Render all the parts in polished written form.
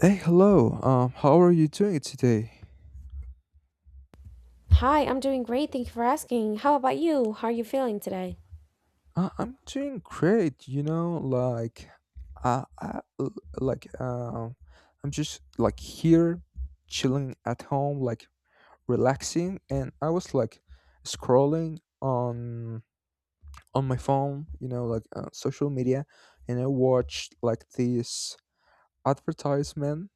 Hey, hello. How are you doing today? Hi, I'm doing great. Thank you for asking. How about you? How are you feeling today? I'm doing great. You know, like, I, I l- like, um, I'm just like here, chilling at home, like relaxing, and I was like scrolling on my phone. You know, like social media, and I watched like this advertisement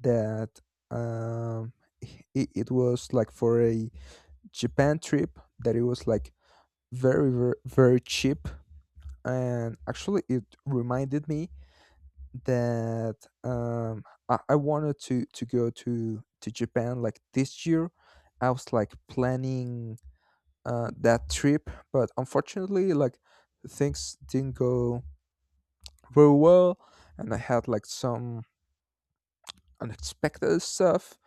that um, it was like for a Japan trip that it was like very cheap, and actually it reminded me that um, I, I wanted to go to Japan like this year. I was like planning that trip, but unfortunately, like things didn't go very well, and I had like some unexpected stuff,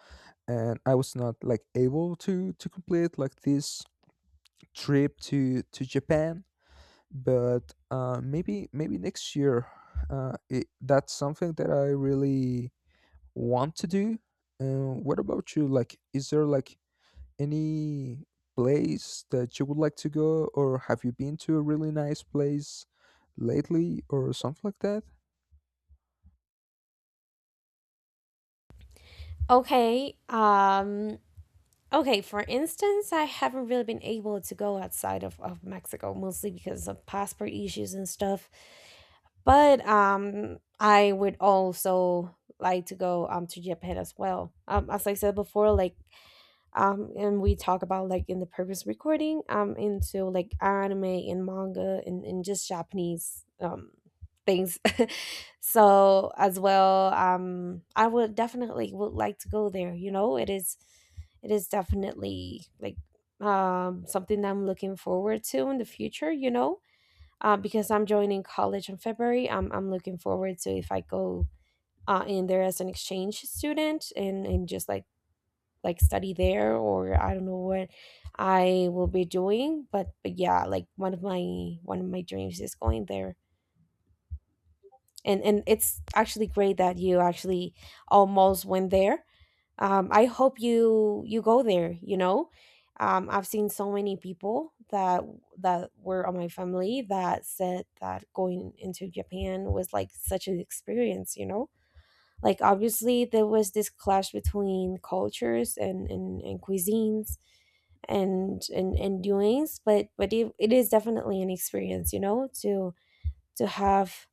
and I was not like able to complete like this trip to Japan. But maybe next year that's something that I really want to do. What about you, like is there like any place that you would like to go, or have you been to a really nice place lately, or something like that? Okay. Okay, for instance, I haven't really been able to go outside of Mexico mostly because of passport issues and stuff. But I would also like to go to Japan as well. As I said before, like and we talk about like in the previous recording into like anime and manga and just japanese things so as well I would definitely would like to go there, you know. It is definitely like something that I'm looking forward to in the future, you know. Because I'm joining college in february, I'm looking forward to if I go in there as an exchange student and just like study there, or I don't know what I will be doing. But yeah, like one of my dreams is going there. And it's actually great that you actually almost went there. I hope you go there, you know. I've seen so many people that were on my family that said that going into Japan was like such an experience, you know? Like obviously there was this clash between cultures and cuisines and doings, but it is definitely an experience, you know, to have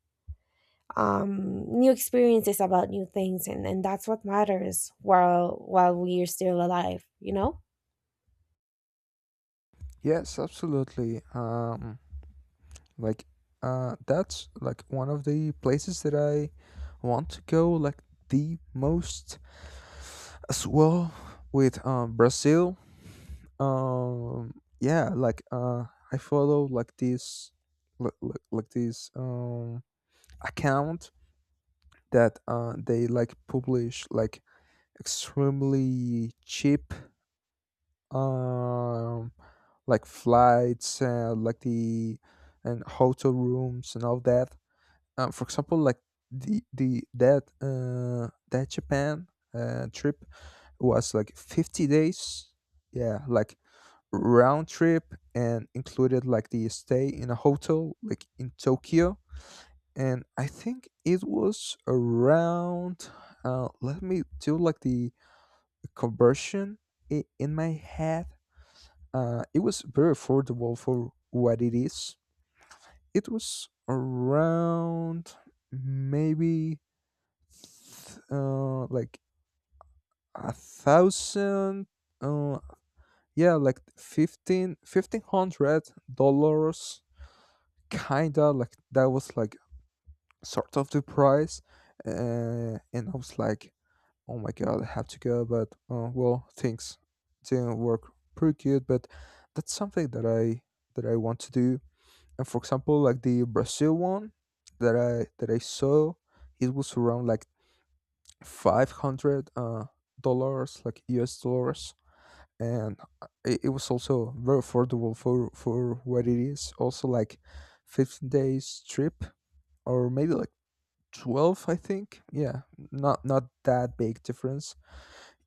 new experiences about new things, and that's what matters while we are still alive, you know. Yes, absolutely. Like that's like one of the places that I want to go like the most as well, with Brazil. um yeah like uh I follow like this like, like, like this um account that they like publish like extremely cheap um like flights and like the and hotel rooms and all that. For example, like the that that Japan trip was like 50 days. Yeah, like round trip, and included like the stay in a hotel like in Tokyo. And I think it was around, let me do like the conversion in my head. It was very affordable for what it is. It was around maybe like a thousand, uh, yeah, like $1,500, kinda like that was like sort of the price. And I was like, oh my god, I have to go, but well, things didn't work pretty good, but that's something that I want to do. And for example, like the Brazil one that I saw, it was around like 500 dollars, like US dollars, and it was also very affordable for what it is. Also, like 15 days trip, or maybe like 12, I think. Yeah, not that big difference.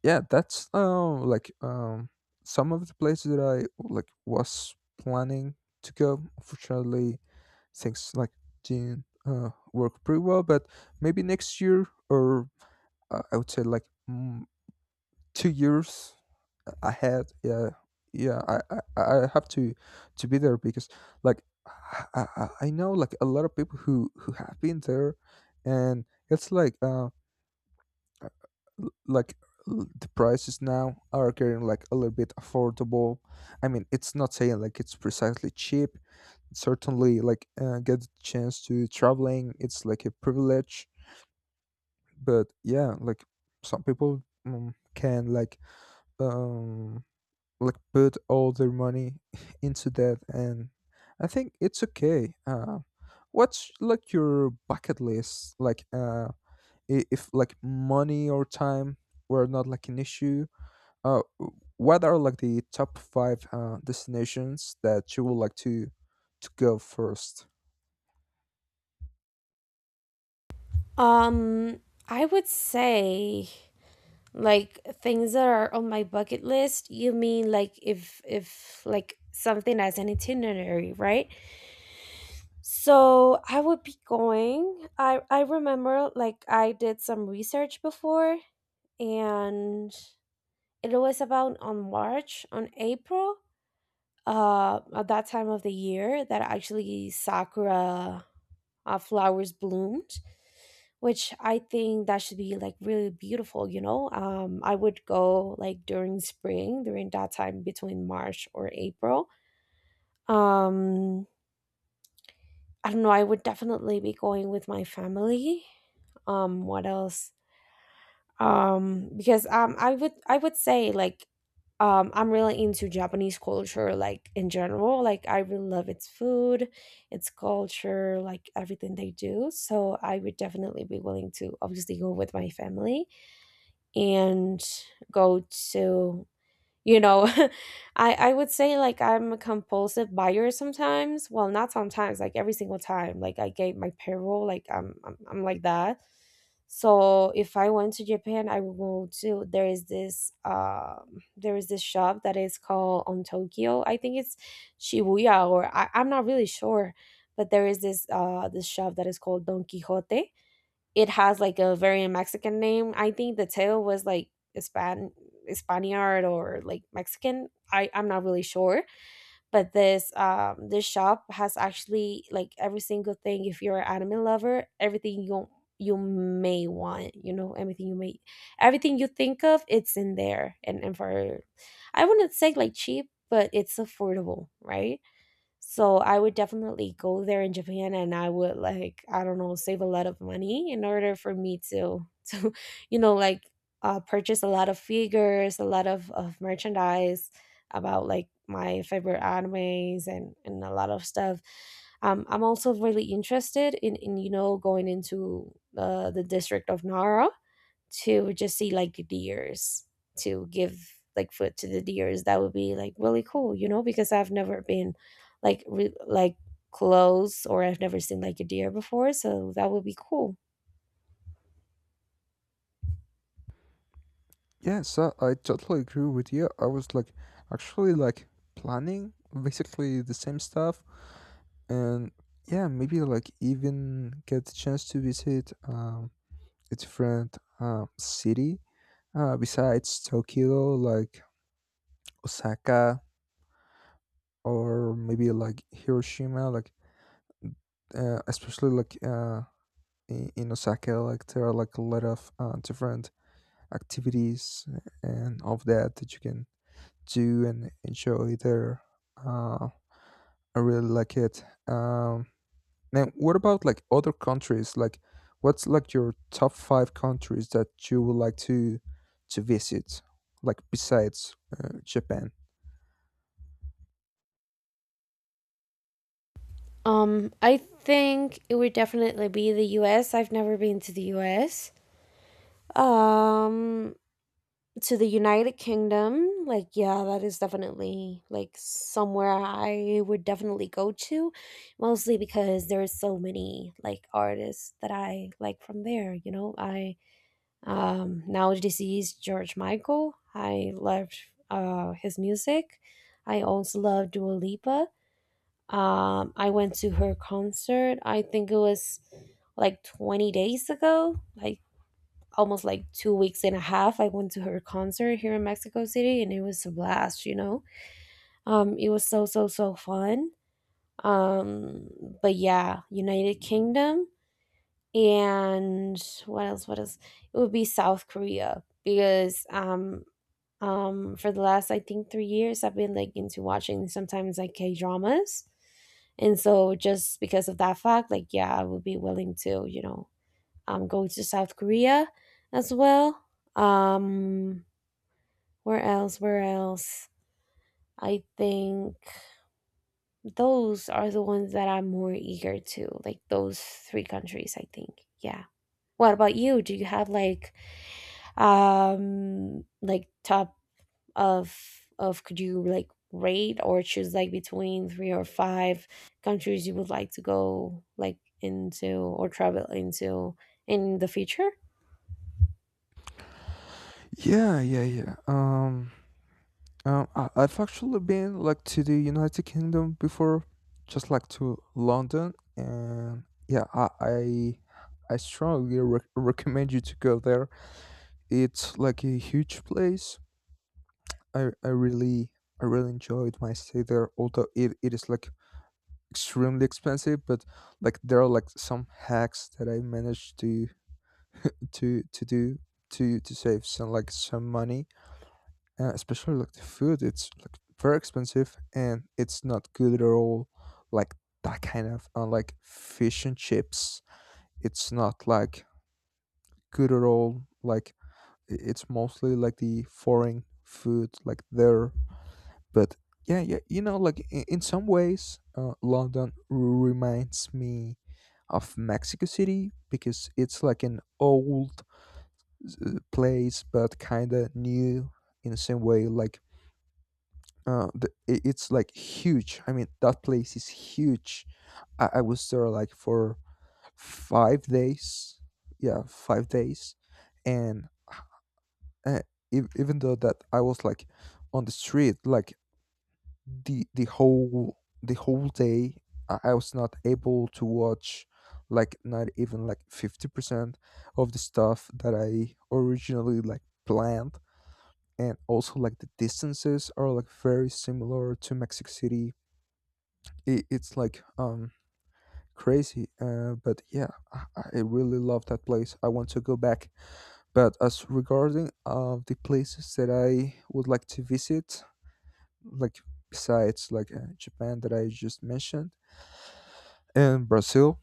Yeah, that's like some of the places that I like was planning to go. Unfortunately, things like didn't work pretty well, but maybe next year, or I would say like 2 years ahead. I have to be there, because I know like a lot of people who have been there, and it's like like the prices now are getting like a little bit affordable. I mean, it's not saying like it's precisely cheap. Certainly like, get the chance to traveling, it's like a privilege, but yeah, like some people can um like put all their money into that, and I think it's okay. What's like your bucket list, like if like money or time were not like an issue? What are like the top five destinations that you would like to go first? um I would say like things that are on my bucket list, you mean like if like something as an itinerary, right? So I would be going. I remember like I did some research before, and it was about on March, on April, at that time of the year that actually sakura flowers bloomed, which I think that should be like really beautiful, you know? I would go like during spring, during that time between March or April. Um, I don't know, I would definitely be going with my family. What else? Because i would say like I'm really into japanese culture, like in general, like I really love its food, its culture, like everything they do. So I would definitely be willing to obviously go with my family, and go to, you know, i would say like I'm a compulsive buyer sometimes, well not sometimes, like every single time like I gave my payroll, like I'm like that. So if I went to japan I would go to, there is this shop that is called on tokyo. I think it's shibuya I'm not really sure. But there is this this shop that is called don quixote. It has like a very Mexican name. I think the tail was like Hispan Spaniard or like Mexican. I'm not really sure. But this this shop has actually like every single thing. If you're an anime lover, everything you may want, you know, everything you may everything you think of, it's in there. And for, I wouldn't say like cheap, but it's affordable, right? So I would definitely go there in Japan, and I would like, I don't know, save a lot of money in order for me to to, you know, like purchase a lot of figures, a lot of merchandise about like my favorite animes, and a lot of stuff. I'm also really interested in, you know, going into the district of Nara, to just see like deers, to give like food to the deers. That would be like really cool, you know, because I've never been like like close, or I've never seen like a deer before, so that would be cool. Yes, I totally agree with you. I was like actually like planning basically the same stuff, and yeah, maybe like even get the chance to visit a different city, besides Tokyo, like Osaka, or maybe like Hiroshima, like especially like in Osaka, like there are like a lot of different activities and of that you can do and enjoy there. uh I really like it. Now, what about like other countries? Like, what's like your top five countries that you would like to visit? Like besides Japan. I think it would definitely be the U. Have never been to the us. Um, to the United Kingdom. Like, yeah, that is definitely like somewhere I would definitely go to, mostly because there are so many like artists that I like from there. You know, I now deceased George Michael. I loved his music. I also love Dua Lipa. I went to her concert. I think it was like 20 days ago. Like almost like 2 weeks and a half, I went to her concert here in mexico city, and it was a blast, you know. Um, it was so so so fun. Um, but yeah, united kingdom. And what else? What else? It would be south korea, because for the last I think 3 years I've been like into watching sometimes like k dramas. And so just because of that fact, like, yeah, I would be willing to, you know, I'm going to South Korea as well. Um, where else? Where else? I think those are the ones that I'm more eager to, like those three countries, I think. Yeah. What about you? Do you have like top of of, could you like rate or choose like between three or five countries you would like to go like into or travel into in the future? Yeah, yeah, yeah. I've actually been like to the United Kingdom before, just like to London, and yeah, I, I strongly recommend you to go there. It's like a huge place. I I really I really enjoyed my stay there, although it is like extremely expensive, but like there are like some hacks that I managed to do to save some like some money. Especially like the food, it's like very expensive and it's not good at all, like that kind of like fish and chips. It's not like good at all, like it's mostly like the foreign food like there. But yeah, yeah, you know, like in some ways, London reminds me of Mexico City, because it's like an old place but kind of new in the same way, like it's like huge. I mean, that place is huge. I was there like for 5 days. Yeah, 5 days. And uh, even though that I was like on the street like the whole day, I was not able to watch like not even like 50% of the stuff that I originally like planned. And also like the distances are like very similar to Mexico City. It's like crazy. But yeah, I really love that place. I want to go back. But as regarding of the places that I would like to visit, like besides like Japan that I just mentioned, and Brazil,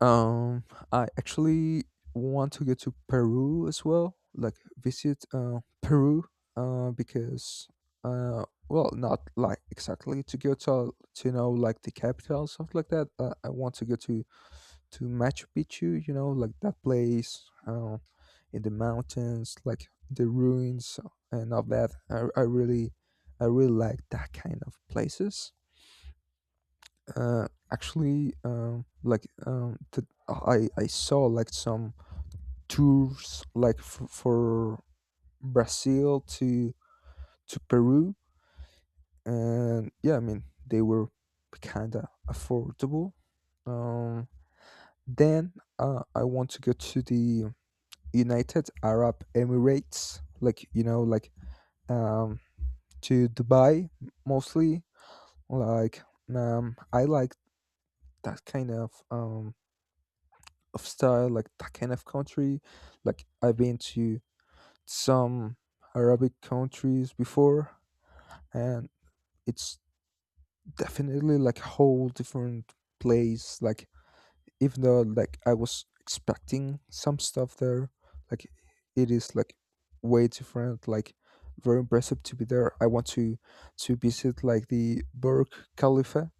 um I actually want to go to Peru as well, like visit Peru. Because well, not like exactly to go to know like the capital, something like that. I want to go to Machu Picchu, you know, like that place in the mountains, like the ruins and all that. I really like that kind of places. Uh, Actually, I saw like some tours like for Brazil to Peru, and yeah, I mean they were kind of affordable. Um, then I want to go to the United Arab Emirates, like you know, like um, to Dubai mostly. Like I like that kind of style, like that kind of country. Like I've been to some Arabic countries before, and it's definitely like a whole different place. Like even though like I was expecting some stuff there, like it is like way different. Like very impressive to be there. I want to visit like the Burj Khalifa,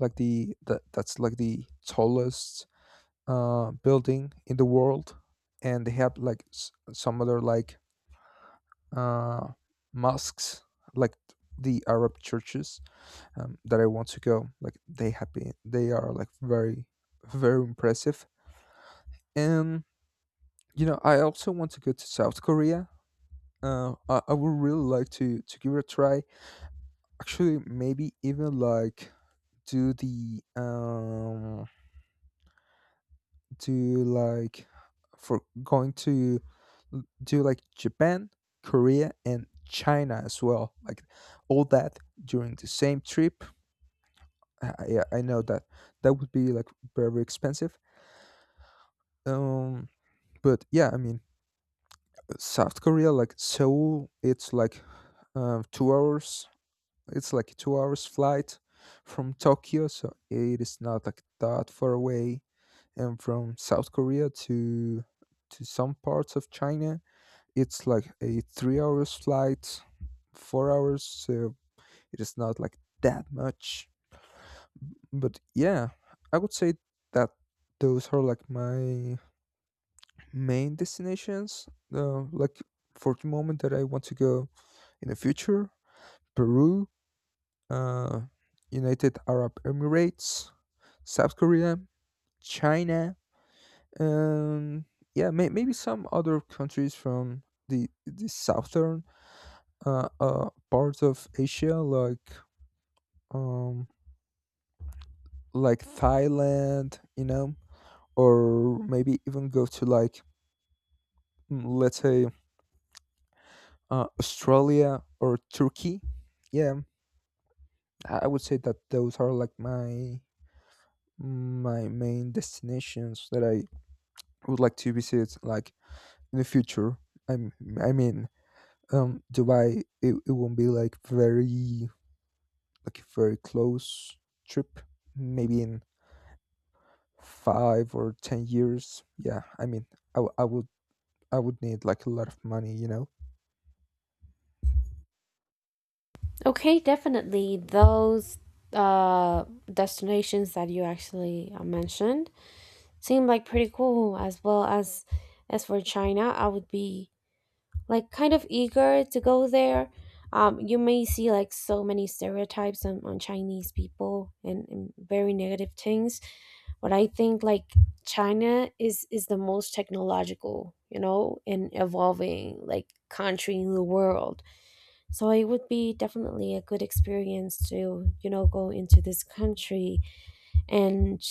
like the that that's like the tallest building in the world, and they have like some other like uh mosques, like the Arab churches, that I want to go. They are like very very impressive. And you know, I also want to go to South Korea. I would really like to give it a try. Actually, maybe even like do the do like for going to l- do like Japan, Korea, and China as well. Like all that during the same trip. Yeah, I know that that would be like very expensive. Um, but yeah, I mean, South Korea, like Seoul, it's like two hours it's like a 2 hours flight from Tokyo, so it is not like that far away. And from South Korea to some parts of China, it's like a 3 hours flight, 4 hours. So it is not like that much. But yeah, I would say that those are like my main destinations. Like for the moment that I want to go in the future: Peru, uh, United Arab Emirates, South Korea, China, and yeah, maybe some other countries from the southern parts of Asia, um like Thailand, you know, or maybe even go to like let's say Australia or Turkey. Yeah, I would say that those are like my main destinations that I would like to visit, like in the future. I'm, I mean, Dubai, it won't be like very, like a very close trip. Maybe in 5 or 10 years. Yeah, I mean, I, w- I would, I would need like a lot of money, you know. Okay, definitely those uh destinations that you actually mentioned seem like pretty cool, as well as for China, I would be like kind of eager to go there. You may see like so many stereotypes on Chinese people, and very negative things, but I think like China is the most technological, you know, and evolving like country in the world. So it would be definitely a good experience to, you know, go into this country, and,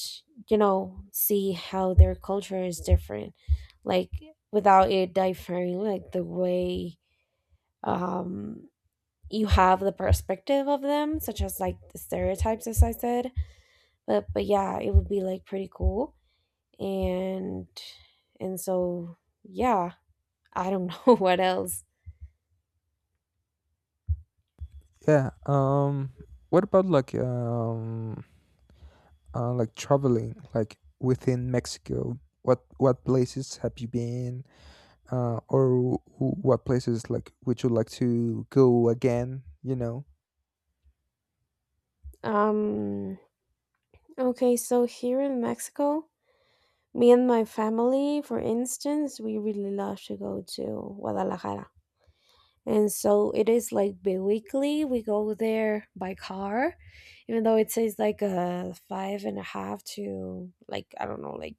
you know, see how their culture is different, like without it differing, like the way um, you have the perspective of them, such as like the stereotypes, as I said. But yeah, it would be like pretty cool, and and so yeah, I don't know what else. Yeah. What about like traveling, like within Mexico? What places have you been? Or what places like would you like to go again? You know. Um. Okay, so here in Mexico. Me and my family, for instance, we really love to go to Guadalajara. And so it is like bi-weekly. We go there by car, even though it says like a five and a half to, like, I don't know, like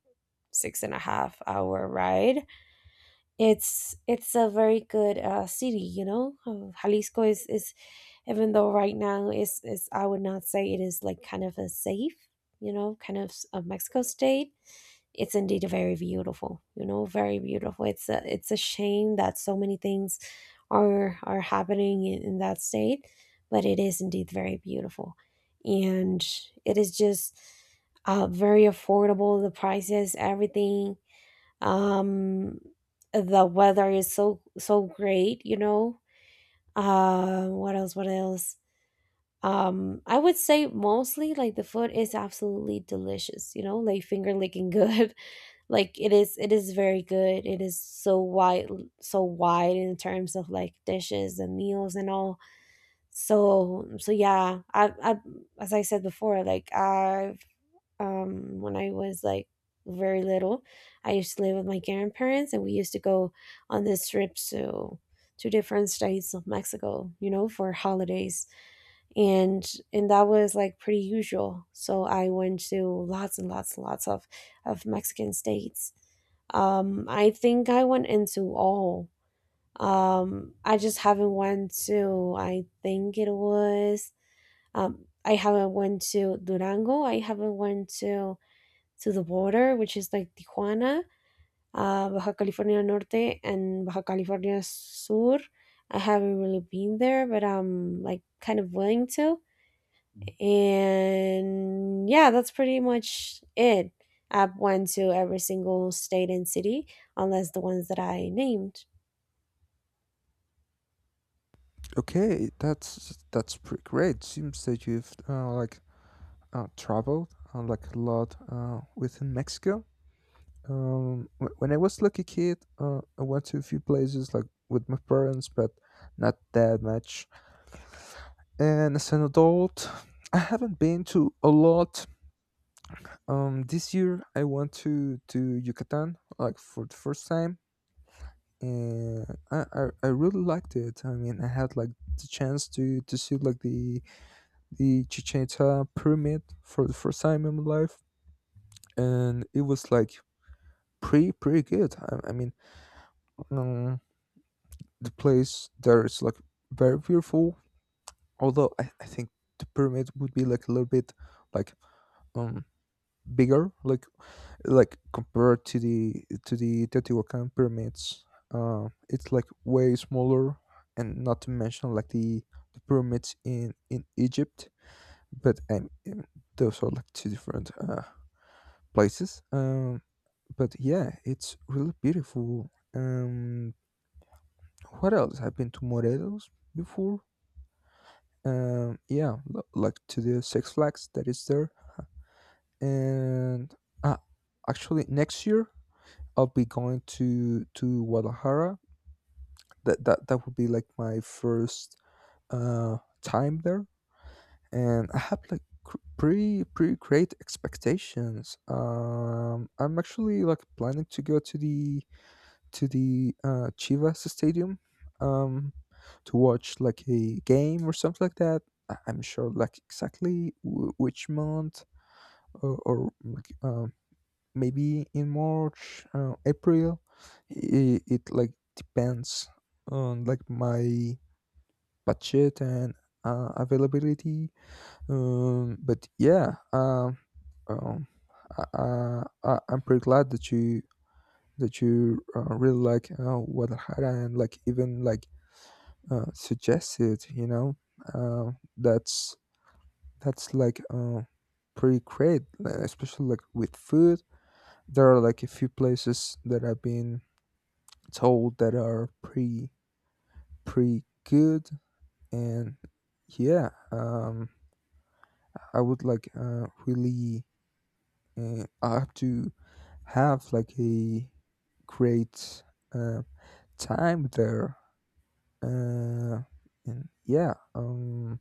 six and a half hour ride. It's a very good city, you know. Jalisco is even though right now is I would not say it is like kind of a safe, you know, kind of a Mexico state, it's indeed very beautiful, you know, very beautiful. It's a shame that so many things are happening in that state, but it is indeed very beautiful, and it is just very affordable, the prices, everything. Um, the weather is so so great, you know. Uh, what else? What else? Um, I would say mostly like the food is absolutely delicious, you know, like finger licking good. Like it is very good. It is so wide, so wide in terms of like dishes and meals and all. So so yeah, i as I said before, like I've when I was like very little, I used to live with my grandparents, and we used to go on these trips to different states of mexico, you know, for holidays. And that was like pretty usual, so I went to lots and lots and lots of mexican states. I think I went into all. I just haven't went to, I think it was, I haven't went to durango, I haven't went to the border, which is like tijuana, baja california norte and baja california sur. I haven't really been there, but I'm like kind of willing to. And yeah, that's pretty much it. I went to every single state and city, unless the ones that I named. Okay, that's pretty great. Seems that you've traveled like a lot within Mexico. When I was like a kid, I went to a few places like with my parents, but not that much. And as an adult, I haven't been to a lot. This year I went to Yucatan like for the first time, and I really liked it. I mean, I had like the chance to see like the Chichen Itza pyramid for the first time in my life, and it was like pretty good. I mean, um, the place there is like very beautiful. Although I think the pyramid would be like a little bit like um bigger, like compared to the Teotihuacan pyramids. It's like way smaller, and not to mention like the pyramids in Egypt. But those are like two different places. But yeah, it's really beautiful. What else? I've been to Morelos before. Yeah, like to the Six Flags that is there. And uh, actually, next year I'll be going to Guadalajara. That would be like my first uh time there, and I have like pretty great expectations. I'm actually like planning to go to the Chivas Stadium, um, to watch like a game or something like that. I- I'm sure like exactly which month or like maybe in March, April. It like depends on like my budget and availability. But yeah, um, I'm pretty glad that you really like Guadalajara and like even like suggested, you know, uh, that's that's like pretty great, especially like with food. There are like a few places that I've been told that are pretty good, and yeah, I would like really I have to have like a great uh, time there uh, and yeah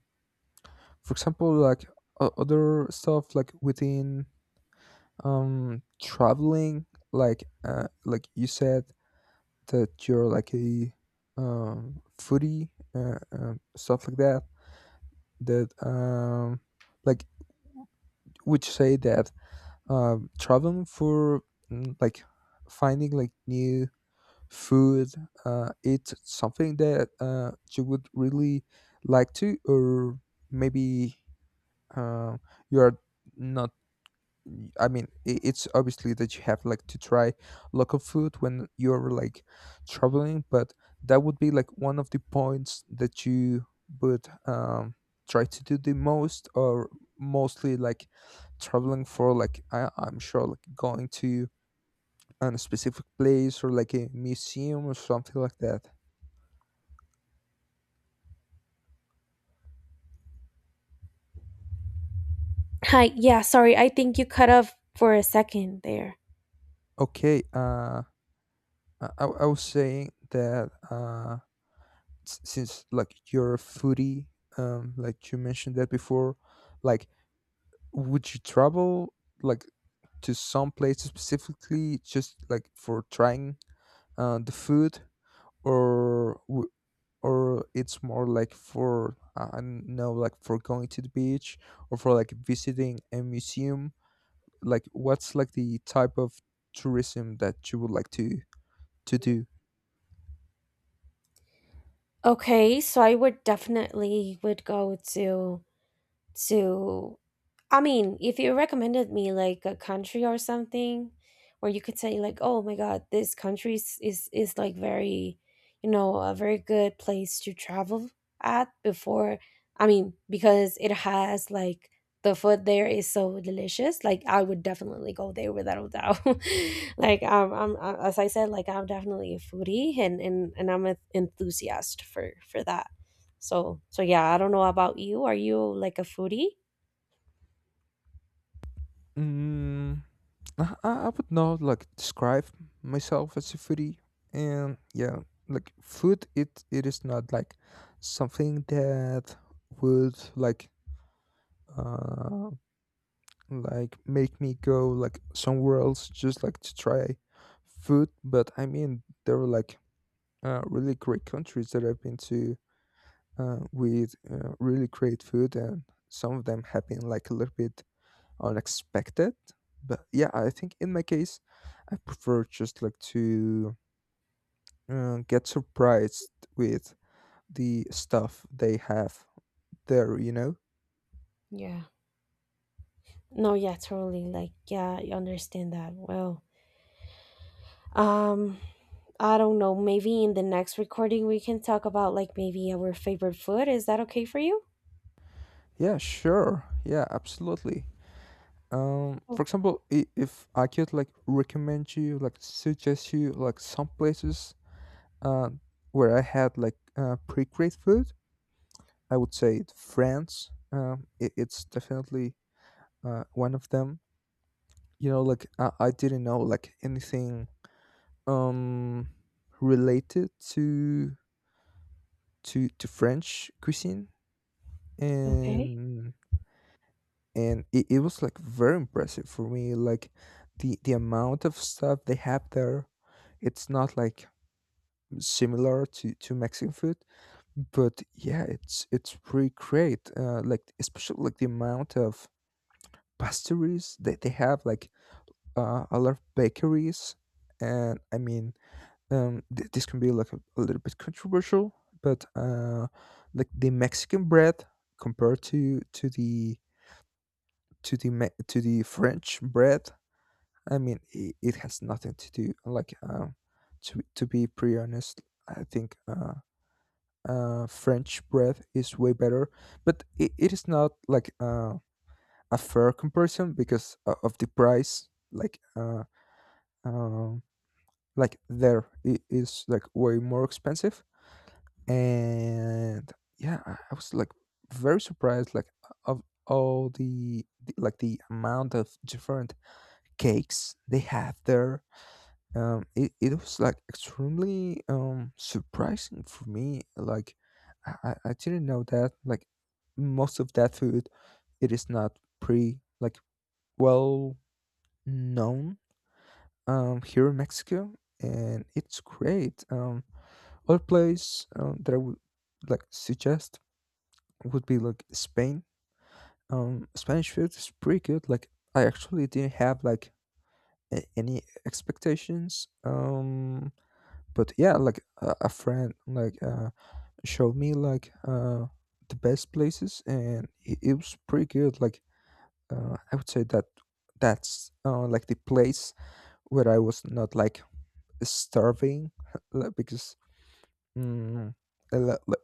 for example like other stuff like within traveling like you said that you're like a foodie stuff like that that like would you say that traveling for mm, like finding like new food it's something that you would really like to or maybe uh, you are not. I mean, it's obviously that you have like to try local food when you're like traveling, but that would be like one of the points that you would try to do the most or mostly like traveling for like I, I'm sure like going to a specific place or like a museum or something like that. Hi, yeah, sorry, I think you cut off for a second there. Okay. I was saying that since like you're a foodie, like you mentioned that before, like would you travel like to some place specifically just like for trying the food, or or it's more like for I don't know, like for going to the beach or for like visiting a museum. Like, what's like the type of tourism that you would like to do? Okay, so I would definitely would go to, I mean, if you recommended me like a country or something where you could say like, "Oh my God, this country is like very, you know, a very good place to travel at before." I mean, because it has like the food there is so delicious. Like, I would definitely go there without a doubt. Like, I'm as I said, like I'm definitely a foodie and I'm an enthusiast for that. So so yeah, I don't know about you. Are you like a foodie? Mm, I would not like describe myself as a foodie, and yeah, like food, it is not like something that would uh like make me go like somewhere else just like to try food. But I mean, there are like really great countries that I've been to with really great food, and some of them have been like a little bit unexpected. But yeah, I think in my case, I prefer just like to get surprised with the stuff they have there, you know? Yeah. No, yeah, totally. Like, yeah, I understand that. Well, um, I don't know. Maybe in the next recording we can talk about like maybe our favorite food. Is that okay for you? Yeah, sure. Yeah, absolutely. Oh, For example, if I could like recommend you, like suggest you like some places uh, where I had like pretty great food, I would say France. It, it's definitely one of them. You know like I didn't know like anything um related to to french cuisine, okay. and and it was like very impressive for me like the amount of stuff they have there. It's not like similar to mexican food, but yeah, it's pretty great like especially like the amount of pastries that they have like a lot of bakeries. And I mean this can be like a little bit controversial, but like the mexican bread compared to the to the to the french bread, I mean it has nothing to do like um. To be pretty honest, I think french bread is way better, but it is not like a fair comparison because of the price um like there it is like way more expensive. And yeah, I was like very surprised like of all the like the amount of different cakes they have there. Um it was like extremely surprising for me like I didn't know that like most of that food it is not pretty like well known here in mexico, and it's great. Um other place that I would like suggest would be like Spain. Spanish food is pretty good. Like I actually didn't have like any expectations. But yeah, like a friend like showed me like the best places, and it was pretty good. Like I would say that that's like the place where I was not like starving, like, because mm, a lot- like,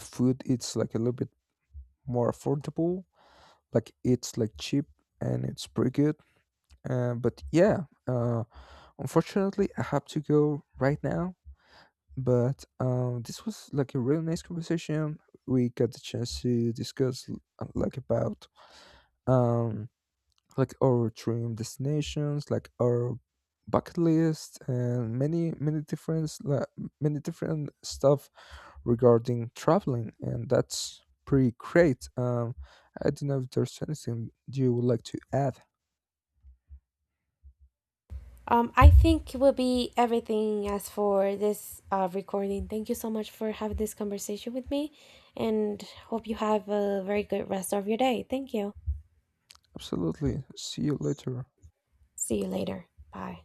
food it's like a little bit more affordable. Like it's like cheap and it's pretty good. But yeah, unfortunately, I have to go right now. But this was like a really nice conversation. We got the chance to discuss like about um, like our dream destinations, like our bucket list, and many many different like, many different stuff regarding traveling, and that's pretty great. I don't know if there's anything you would like to add. I think it will be everything as for this recording. Thank you so much for having this conversation with me, and hope you have a very good rest of your day. Thank you. Absolutely. See you later. See you later. Bye.